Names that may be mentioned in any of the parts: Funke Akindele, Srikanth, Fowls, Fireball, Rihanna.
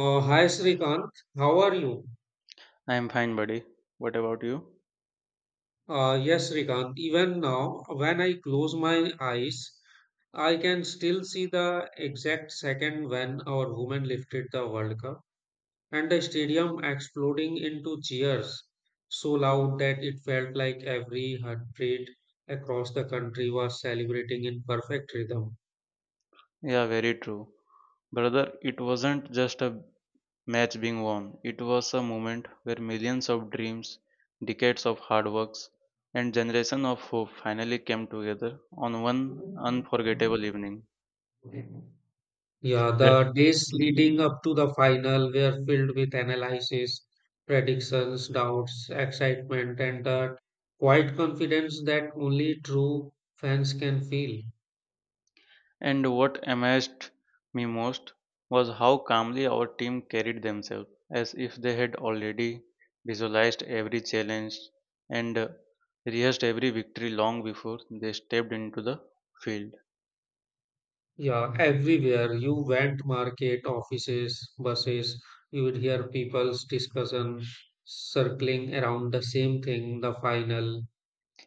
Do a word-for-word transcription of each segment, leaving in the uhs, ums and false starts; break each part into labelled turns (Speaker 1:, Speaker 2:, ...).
Speaker 1: Uh, hi Srikanth, how are you?
Speaker 2: I'm fine, buddy. What about you?
Speaker 1: Uh, yes, Srikanth, even now, when I close my eyes, I can still see the exact second when our women lifted the World Cup and the stadium exploding into cheers so loud that it felt like every heartbeat across the country was celebrating in perfect rhythm.
Speaker 2: Yeah, very true. Brother, it wasn't just a match being won, it was a moment where millions of dreams, decades of hard works, and generations of hope finally came together on one unforgettable evening.
Speaker 1: Yeah,
Speaker 2: That,
Speaker 1: the days leading up to the final were filled with analysis, predictions, doubts, excitement, and that quiet confidence that only true fans can feel.
Speaker 2: And what amazed me most was how calmly our team carried themselves, as if they had already visualized every challenge and uh, rehearsed every victory long before they stepped into the field.
Speaker 1: Yeah, everywhere you went, market, offices, buses, you would hear people's discussion circling around the same thing, the final.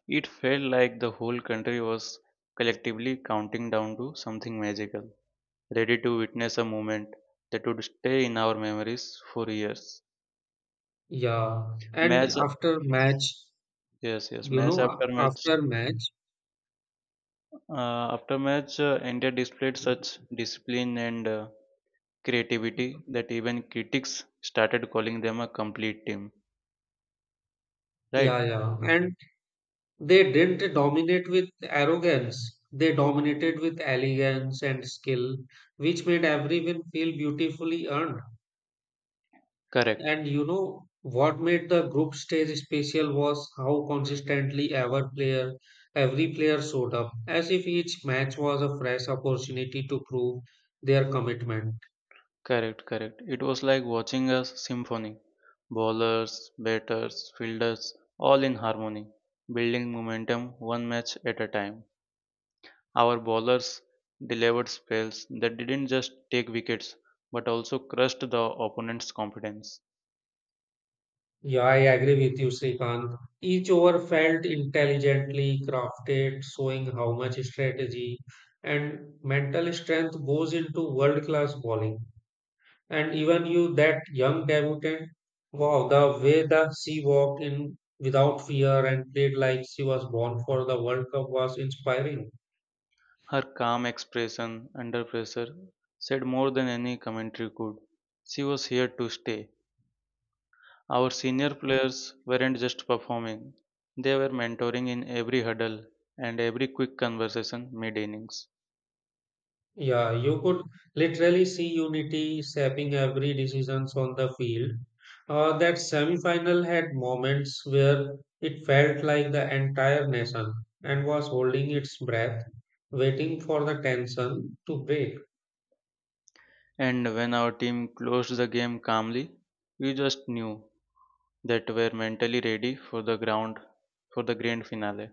Speaker 2: It felt like the whole country was collectively counting down to something magical, ready to witness a moment that would stay in our memories for years.
Speaker 1: Yeah, and
Speaker 2: Match,
Speaker 1: after match,
Speaker 2: yes, yes,
Speaker 1: you
Speaker 2: match
Speaker 1: know,
Speaker 2: after match.
Speaker 1: after match,
Speaker 2: Uh, after match, uh, India displayed such discipline and uh, creativity that even critics started calling them a complete team. Right?
Speaker 1: yeah, yeah. And they didn't dominate with arrogance. They dominated with elegance and skill, which made every win feel beautifully earned.
Speaker 2: Correct.
Speaker 1: And you know what made the group stage special was how consistently every player, every player showed up, as if each match was a fresh opportunity to prove their commitment.
Speaker 2: Correct. Correct. It was like watching a symphony. Bowlers, batters, fielders, all in harmony, building momentum one match at a time. Our bowlers delivered spells that didn't just take wickets but also crushed the opponent's confidence.
Speaker 1: Yeah, I agree with you, Srikanth. Each over felt intelligently crafted, showing how much strategy and mental strength goes into world-class bowling. And even you, that young debutant, wow, the way that she walked in without fear and played like she was born for the World Cup was inspiring.
Speaker 2: Her calm expression under pressure said more than any commentary could. She was here to stay. Our senior players weren't just performing, they were mentoring in every huddle and every quick conversation mid innings.
Speaker 1: Yeah, you could literally see unity shaping every decisions on the field. Uh, that semi-final had moments where it felt like the entire nation and was holding its breath, waiting for the tension to break.
Speaker 2: And when our team closed the game calmly, we just knew that we're mentally ready for the ground for the grand finale.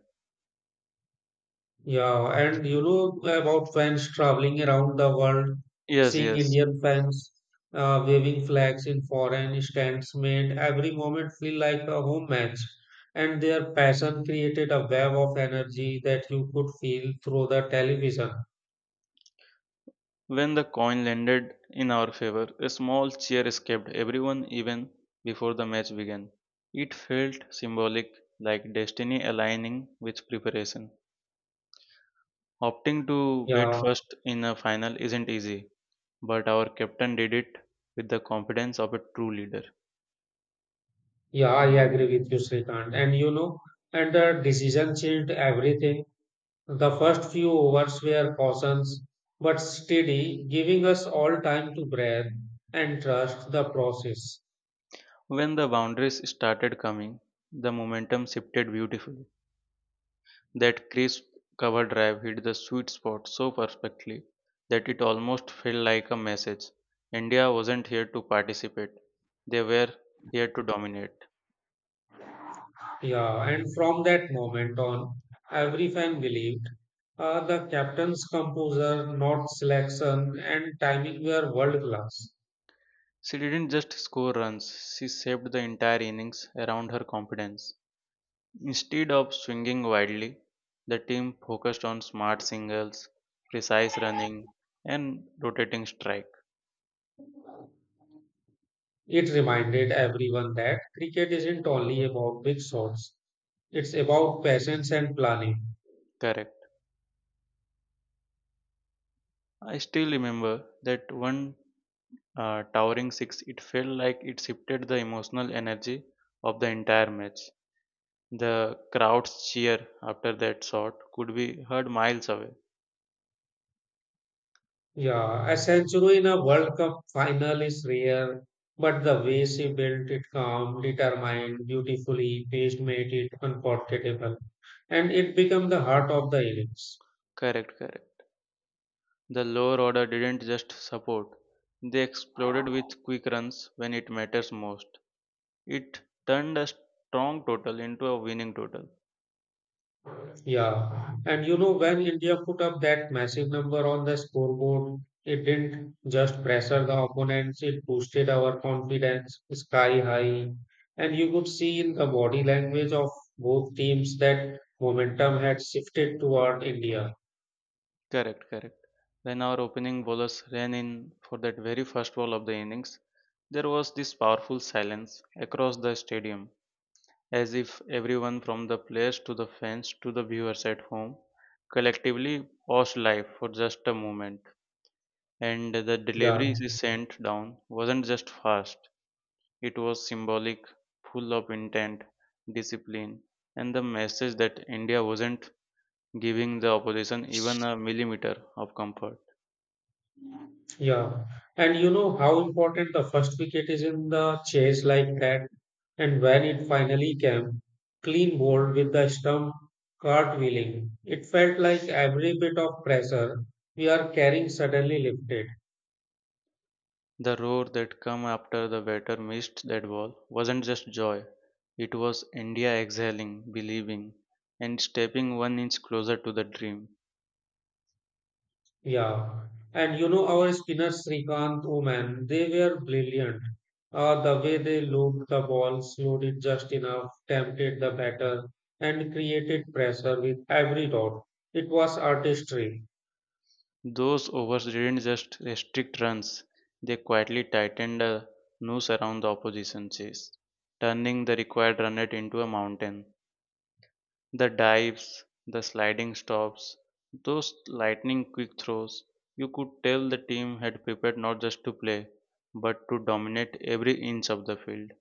Speaker 1: Yeah, and you know about fans traveling around the world,
Speaker 2: Yes,
Speaker 1: seeing
Speaker 2: yes.
Speaker 1: Indian fans uh, waving flags in foreign stands made every moment feel like a home match. And their passion created a wave of energy that you could feel through the television.
Speaker 2: When the coin landed in our favor, a small cheer escaped everyone even before the match began. It felt symbolic, like destiny aligning with preparation. Opting to bat
Speaker 1: Yeah,
Speaker 2: first in a final isn't easy, but our captain did it with the confidence of a true leader.
Speaker 1: yeah, I agree with you, Srikanth. And you know, and the decision changed everything. The first few overs were cautions, but steady, giving us all time to breathe and trust the process.
Speaker 2: When the boundaries started coming, the momentum shifted beautifully. That crisp cover drive hit the sweet spot so perfectly that it almost felt like a message. India wasn't here to participate, they were here to dominate.
Speaker 1: Yeah, and from that moment on, every fan believed uh, the captain's composure, not selection, and timing were world class.
Speaker 2: She didn't just score runs, she shaped the entire innings around her confidence. Instead of swinging widely, the team focused on smart singles, precise running, and rotating strike.
Speaker 1: It reminded everyone that cricket isn't only about big shots, it's about patience and planning.
Speaker 2: Correct. I still remember that one uh, towering six, it felt like it shifted the emotional energy of the entire match. The crowd's cheer after that shot could be heard miles away.
Speaker 1: Yeah, a century in a World Cup final is rare, but the way she built it calm, determined, beautifully paced made it unforgettable. And it became the heart of the innings.
Speaker 2: Correct, correct. The lower order didn't just support, they exploded with quick runs when it matters most. It turned a strong total into a winning total.
Speaker 1: Yeah. And you know, when India put up that massive number on the scoreboard, it didn't just pressure the opponents, it boosted our confidence sky high. And you could see in the body language of both teams that momentum had shifted toward India.
Speaker 2: Correct, correct. When our opening bowlers ran in for that very first ball of the innings, there was this powerful silence across the stadium, as if everyone from the players to the fans to the viewers at home collectively paused life for just a moment. And the
Speaker 1: Yeah.
Speaker 2: delivery she sent down wasn't just fast, it was symbolic, full of intent, discipline, and the message that India wasn't giving the opposition even a millimeter of comfort.
Speaker 1: Yeah, and you know how important the first wicket is in the chase like that, and when it finally came, clean bowled with the stump cartwheeling. It felt like every bit of pressure we are carrying suddenly lifted.
Speaker 2: The roar that came after the batter missed that ball wasn't just joy, it was India exhaling, believing, and stepping one inch closer to the dream.
Speaker 1: Yeah, and you know our spinners Srikanth, Oman, they were brilliant. Uh, the way they looped the ball, slowed it just enough, tempted the batter, and created pressure with every dot. It was artistry.
Speaker 2: Those overs didn't just restrict runs, they quietly tightened a noose around the opposition chase, turning the required run rate into a mountain. The dives, the sliding stops, those lightning quick throws, you could tell the team had prepared not just to play, but to dominate every inch of the field.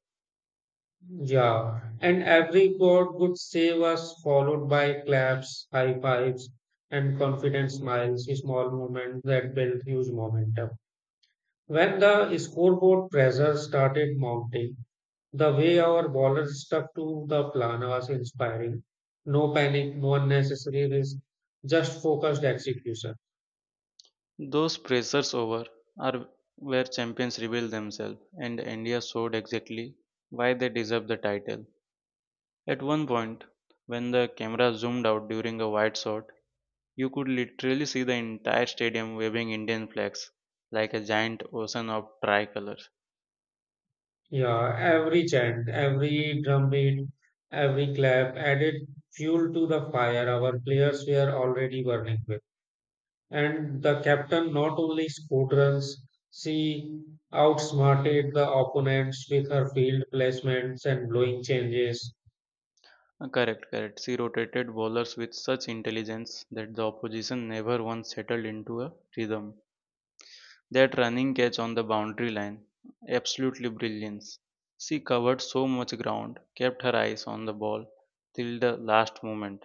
Speaker 1: Yeah, and every god would save us, followed by claps, high fives, and confident smiles, small moments that built huge momentum. When the scoreboard pressure started mounting, the way our ballers stuck to the plan was inspiring. No panic, no unnecessary risk, just focused execution.
Speaker 2: Those pressures over are where champions reveal themselves, and India showed exactly why they deserve the title. At one point, when the camera zoomed out during a wide shot, you could literally see the entire stadium waving Indian flags like a giant ocean of tricolors.
Speaker 1: Yeah, every chant, every drum beat, every clap added fuel to the fire our players were already burning with. And the captain not only scored runs, she outsmarted the opponents with her field placements and blowing changes.
Speaker 2: Uh, Correct, correct. She rotated bowlers with such intelligence that the opposition never once settled into a rhythm. That running catch on the boundary line, absolutely brilliance. She covered so much ground, kept her eyes on the ball till the last moment,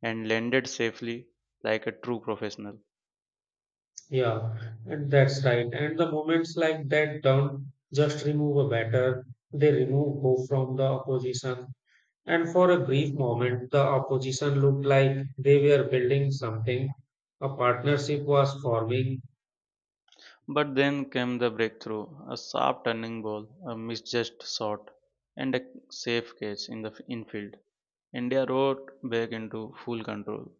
Speaker 2: and landed safely like a true professional.
Speaker 1: Yeah, and that's right. And the moments like that don't just remove a batter, they remove hope from the opposition. And for a brief moment, the opposition looked like they were building something. A partnership was forming.
Speaker 2: But then came the breakthrough, a sharp turning ball, a misjudged shot, and a safe catch in the f- infield. India rode back into full control.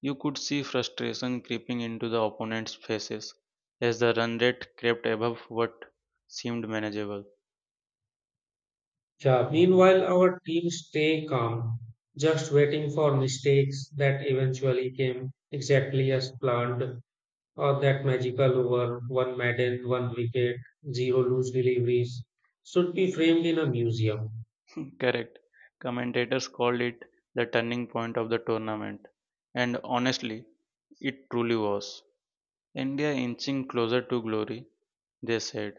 Speaker 2: You could see frustration creeping into the opponents' faces as the run rate crept above what seemed manageable.
Speaker 1: Yeah, meanwhile, our team stay calm, just waiting for mistakes that eventually came exactly as planned, or that magical over one Madden, one wicket, zero loose deliveries should be framed in a museum.
Speaker 2: Correct. Commentators called it the turning point of the tournament, and honestly, it truly was. India inching closer to glory, they said,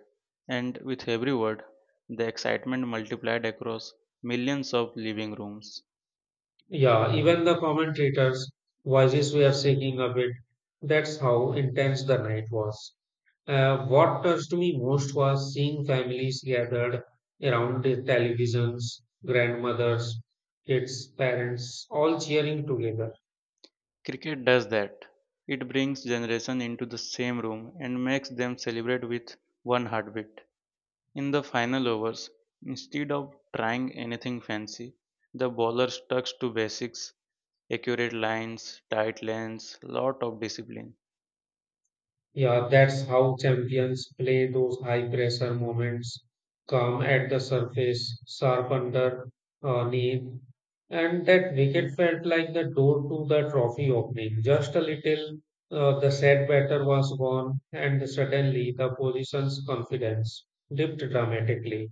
Speaker 2: and with every word, the excitement multiplied across millions of living rooms.
Speaker 1: Yeah, even the commentators' voices were shaking a bit. That's how intense the night was. Uh, what touched me most was seeing families gathered around the televisions, grandmothers, kids, parents, all cheering together.
Speaker 2: Cricket does that. It brings generations into the same room and makes them celebrate with one heartbeat. In the final overs, instead of trying anything fancy, the bowler stuck to basics, accurate lines, tight lanes, lot of discipline.
Speaker 1: Yeah, that's how champions play those high pressure moments, calm at the surface, sharp under uh, knee. And that wicket felt like the door to the trophy opening. Just a little, uh, the set batter was gone, and suddenly the position's confidence dipped dramatically.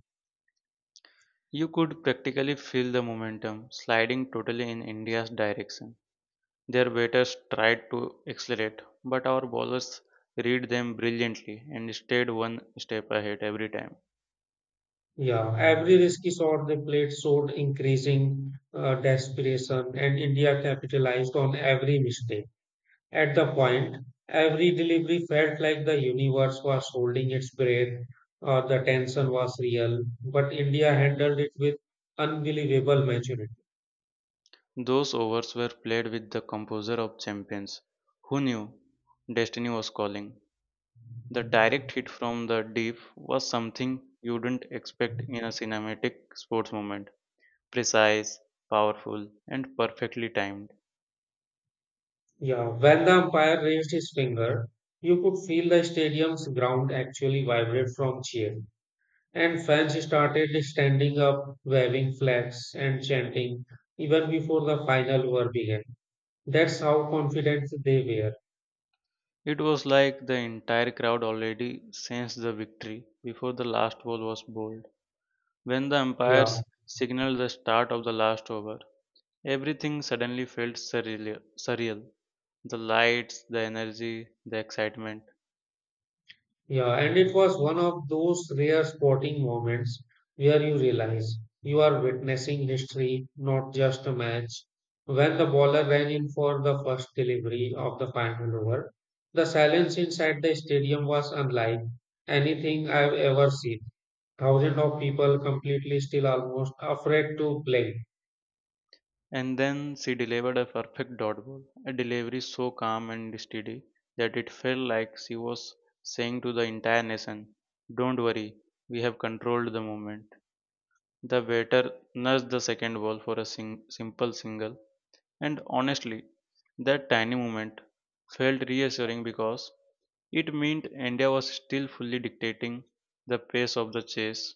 Speaker 2: You could practically feel the momentum sliding totally in India's direction. Their batters tried to accelerate, but our bowlers read them brilliantly and stayed one step ahead every time.
Speaker 1: Yeah, every risky shot they played showed increasing uh, desperation, and India capitalized on every mistake. At the point, every delivery felt like the universe was holding its breath. Uh, the tension was real, but India handled it with unbelievable maturity.
Speaker 2: Those overs were played with the composer of champions. Who knew destiny was calling? The direct hit from the deep was something you wouldn't expect in a cinematic sports moment. Precise, powerful, and perfectly timed.
Speaker 1: Yeah, when the umpire raised his finger, you could feel the stadium's ground actually vibrate from cheer. And fans started standing up, waving flags, and chanting even before the final over began. That's how confident they were.
Speaker 2: It was like the entire crowd already sensed the victory before the last ball was bowled. When the
Speaker 1: Yeah,
Speaker 2: umpires signaled the start of the last over, everything suddenly felt surreal. surreal. The lights, the energy, the excitement.
Speaker 1: yeah. And it was one of those rare sporting moments where you realize you are witnessing history, not just a match. When the bowler ran in for the first delivery of the final over, the silence inside the stadium was unlike anything I've ever seen. Thousands of people completely still almost afraid to play.
Speaker 2: And then she delivered a perfect dot ball, a delivery so calm and steady that it felt like she was saying to the entire nation, don't worry, we have controlled the moment. The waiter nudged the second ball for a sing- simple single, and honestly, that tiny moment felt reassuring because it meant India was still fully dictating the pace of the chase.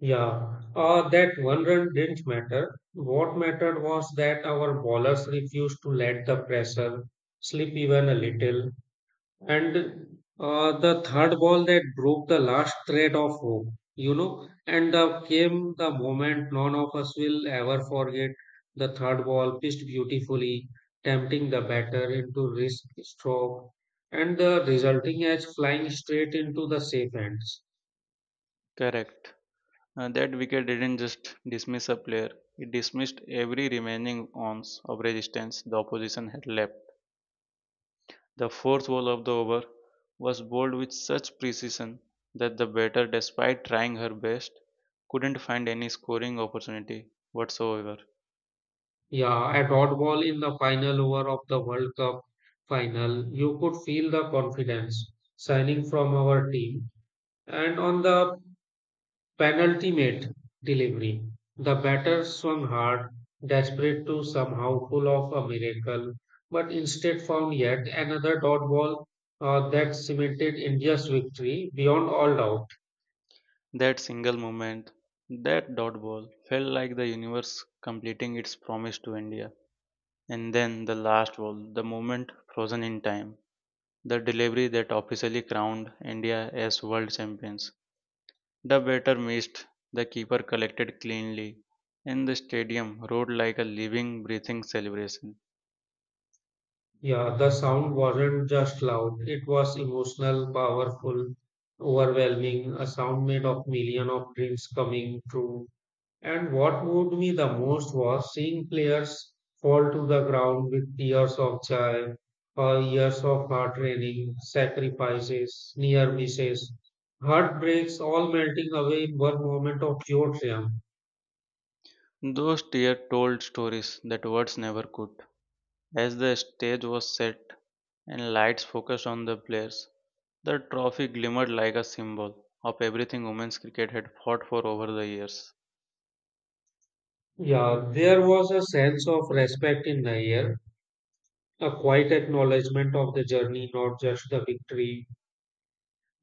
Speaker 1: Yeah, uh, that one run didn't matter. What mattered was that our bowlers refused to let the pressure slip even a little. And uh, the third ball that broke the last thread of hope, you know, and uh, came the moment none of us will ever forget. The third ball pitched beautifully, tempting the batter into risk stroke, and the resulting as flying straight into the safe ends.
Speaker 2: Correct. Uh, that wicket didn't just dismiss a player, it dismissed every remaining ounce of resistance the opposition had left. The fourth ball of the over was bowled with such precision that the batter, despite trying her best, couldn't find any scoring opportunity whatsoever.
Speaker 1: Yeah, at odd ball in the final over of the World Cup final, you could feel the confidence shining from our team. And on the penultimate delivery. The batter swung hard, desperate to somehow pull off a miracle, but instead found yet another dot ball uh, that cemented India's victory beyond all doubt.
Speaker 2: That single moment, that dot ball, felt like the universe completing its promise to India. And then the last ball, the moment frozen in time. The delivery that officially crowned India as world champions. The batter missed, the keeper collected cleanly, and the stadium roared like a living, breathing celebration.
Speaker 1: Yeah, the sound wasn't just loud, it was emotional, powerful, overwhelming, a sound made of millions of dreams coming true. And what moved me the most was seeing players fall to the ground with tears of joy or years of hard training, sacrifices, near misses, heartbreaks all melting away in one moment of pure triumph.
Speaker 2: Those tears told stories that words never could. As the stage was set and lights focused on the players, the trophy glimmered like a symbol of everything women's cricket had fought for over the years.
Speaker 1: Yeah, there was a sense of respect in the air, a quiet acknowledgement of the journey, not just the victory.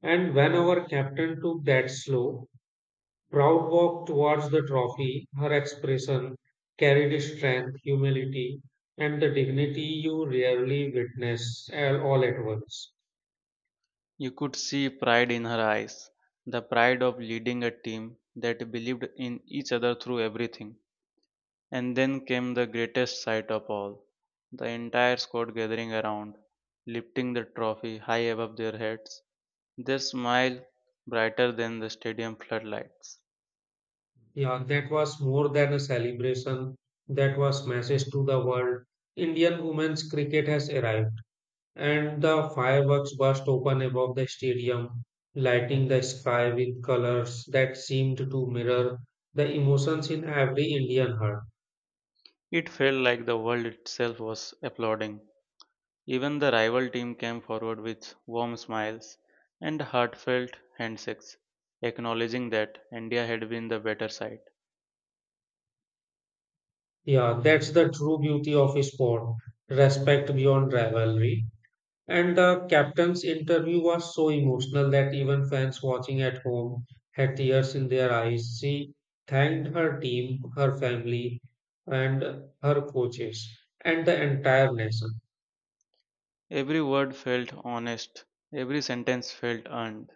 Speaker 1: And when our captain took that slow, proud walk towards the trophy. Her expression carried strength, humility, and the dignity you rarely witness all all at once.
Speaker 2: You could see pride in her eyes, the pride of leading a team that believed in each other through everything. And then came the greatest sight of all, the entire squad gathering around, lifting the trophy high above their heads, their smile brighter than the stadium floodlights.
Speaker 1: Yeah, that was more than a celebration. That was message to the world. Indian women's cricket has arrived, and the fireworks burst open above the stadium, lighting the sky with colors that seemed to mirror the emotions in every Indian heart.
Speaker 2: It felt like the world itself was applauding. Even the rival team came forward with warm smiles and heartfelt handshakes, acknowledging that India had been the better side.
Speaker 1: Yeah, that's the true beauty of sport, respect beyond rivalry. And the captain's interview was so emotional that even fans watching at home had tears in their eyes. She thanked her team, her family, and her coaches, and the entire nation.
Speaker 2: Every word felt honest, every sentence felt earned.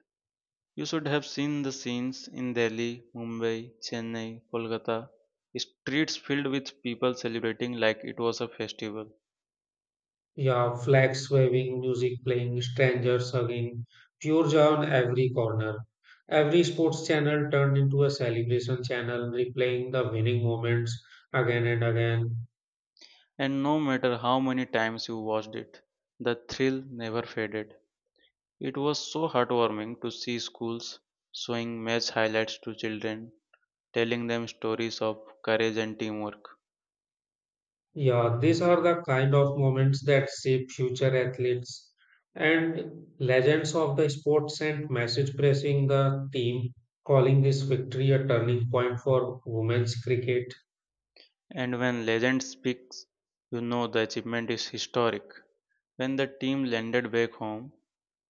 Speaker 2: You should have seen the scenes in Delhi, Mumbai, Chennai, Kolkata. Streets filled with people celebrating like it was a festival.
Speaker 1: Yeah, flags waving, music playing, strangers hugging, pure joy on every corner. Every sports channel turned into a celebration channel, replaying the winning moments again and again.
Speaker 2: And no matter how many times you watched it, the thrill never faded. It was so heartwarming to see schools showing match highlights to children, telling them stories of courage and teamwork.
Speaker 1: Yeah, these are the kind of moments that shape future athletes and legends of the sport sent message pressing the team, calling this victory a turning point for women's cricket.
Speaker 2: And when legend speaks, you know the achievement is historic. When the team landed back home,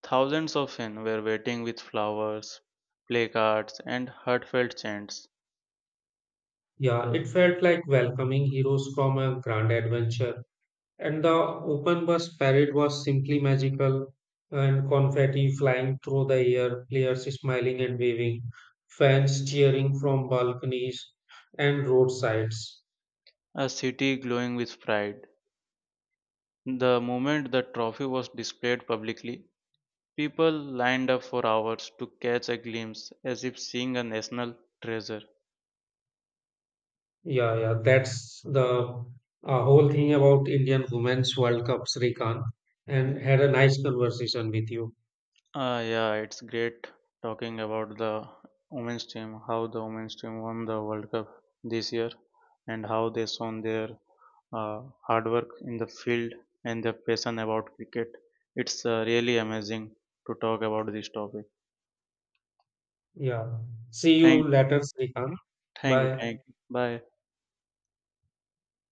Speaker 2: thousands of fans were waiting with flowers, placards, and heartfelt chants,
Speaker 1: Yeah, it felt like welcoming heroes from a grand adventure. And the open bus parade was simply magical, and confetti flying through the air, players smiling and waving, fans cheering from balconies and roadsides.
Speaker 2: a city glowing with pride. The moment the trophy was displayed publicly, people lined up for hours to catch a glimpse as if seeing a national treasure.
Speaker 1: Yeah, yeah, that's the uh, whole thing about Indian Women's World Cup, Srikanth. And had a nice conversation with you.
Speaker 2: Uh, yeah, it's great talking about the women's team, how the women's team won the World Cup this year, and how they shown their uh, hard work in the field and their passion about cricket. It's uh, really amazing to talk about this topic.
Speaker 1: Yeah. See you
Speaker 2: Thank,
Speaker 1: later, Srikanth.
Speaker 2: Thank you,
Speaker 1: Bye.
Speaker 2: thank you. Bye.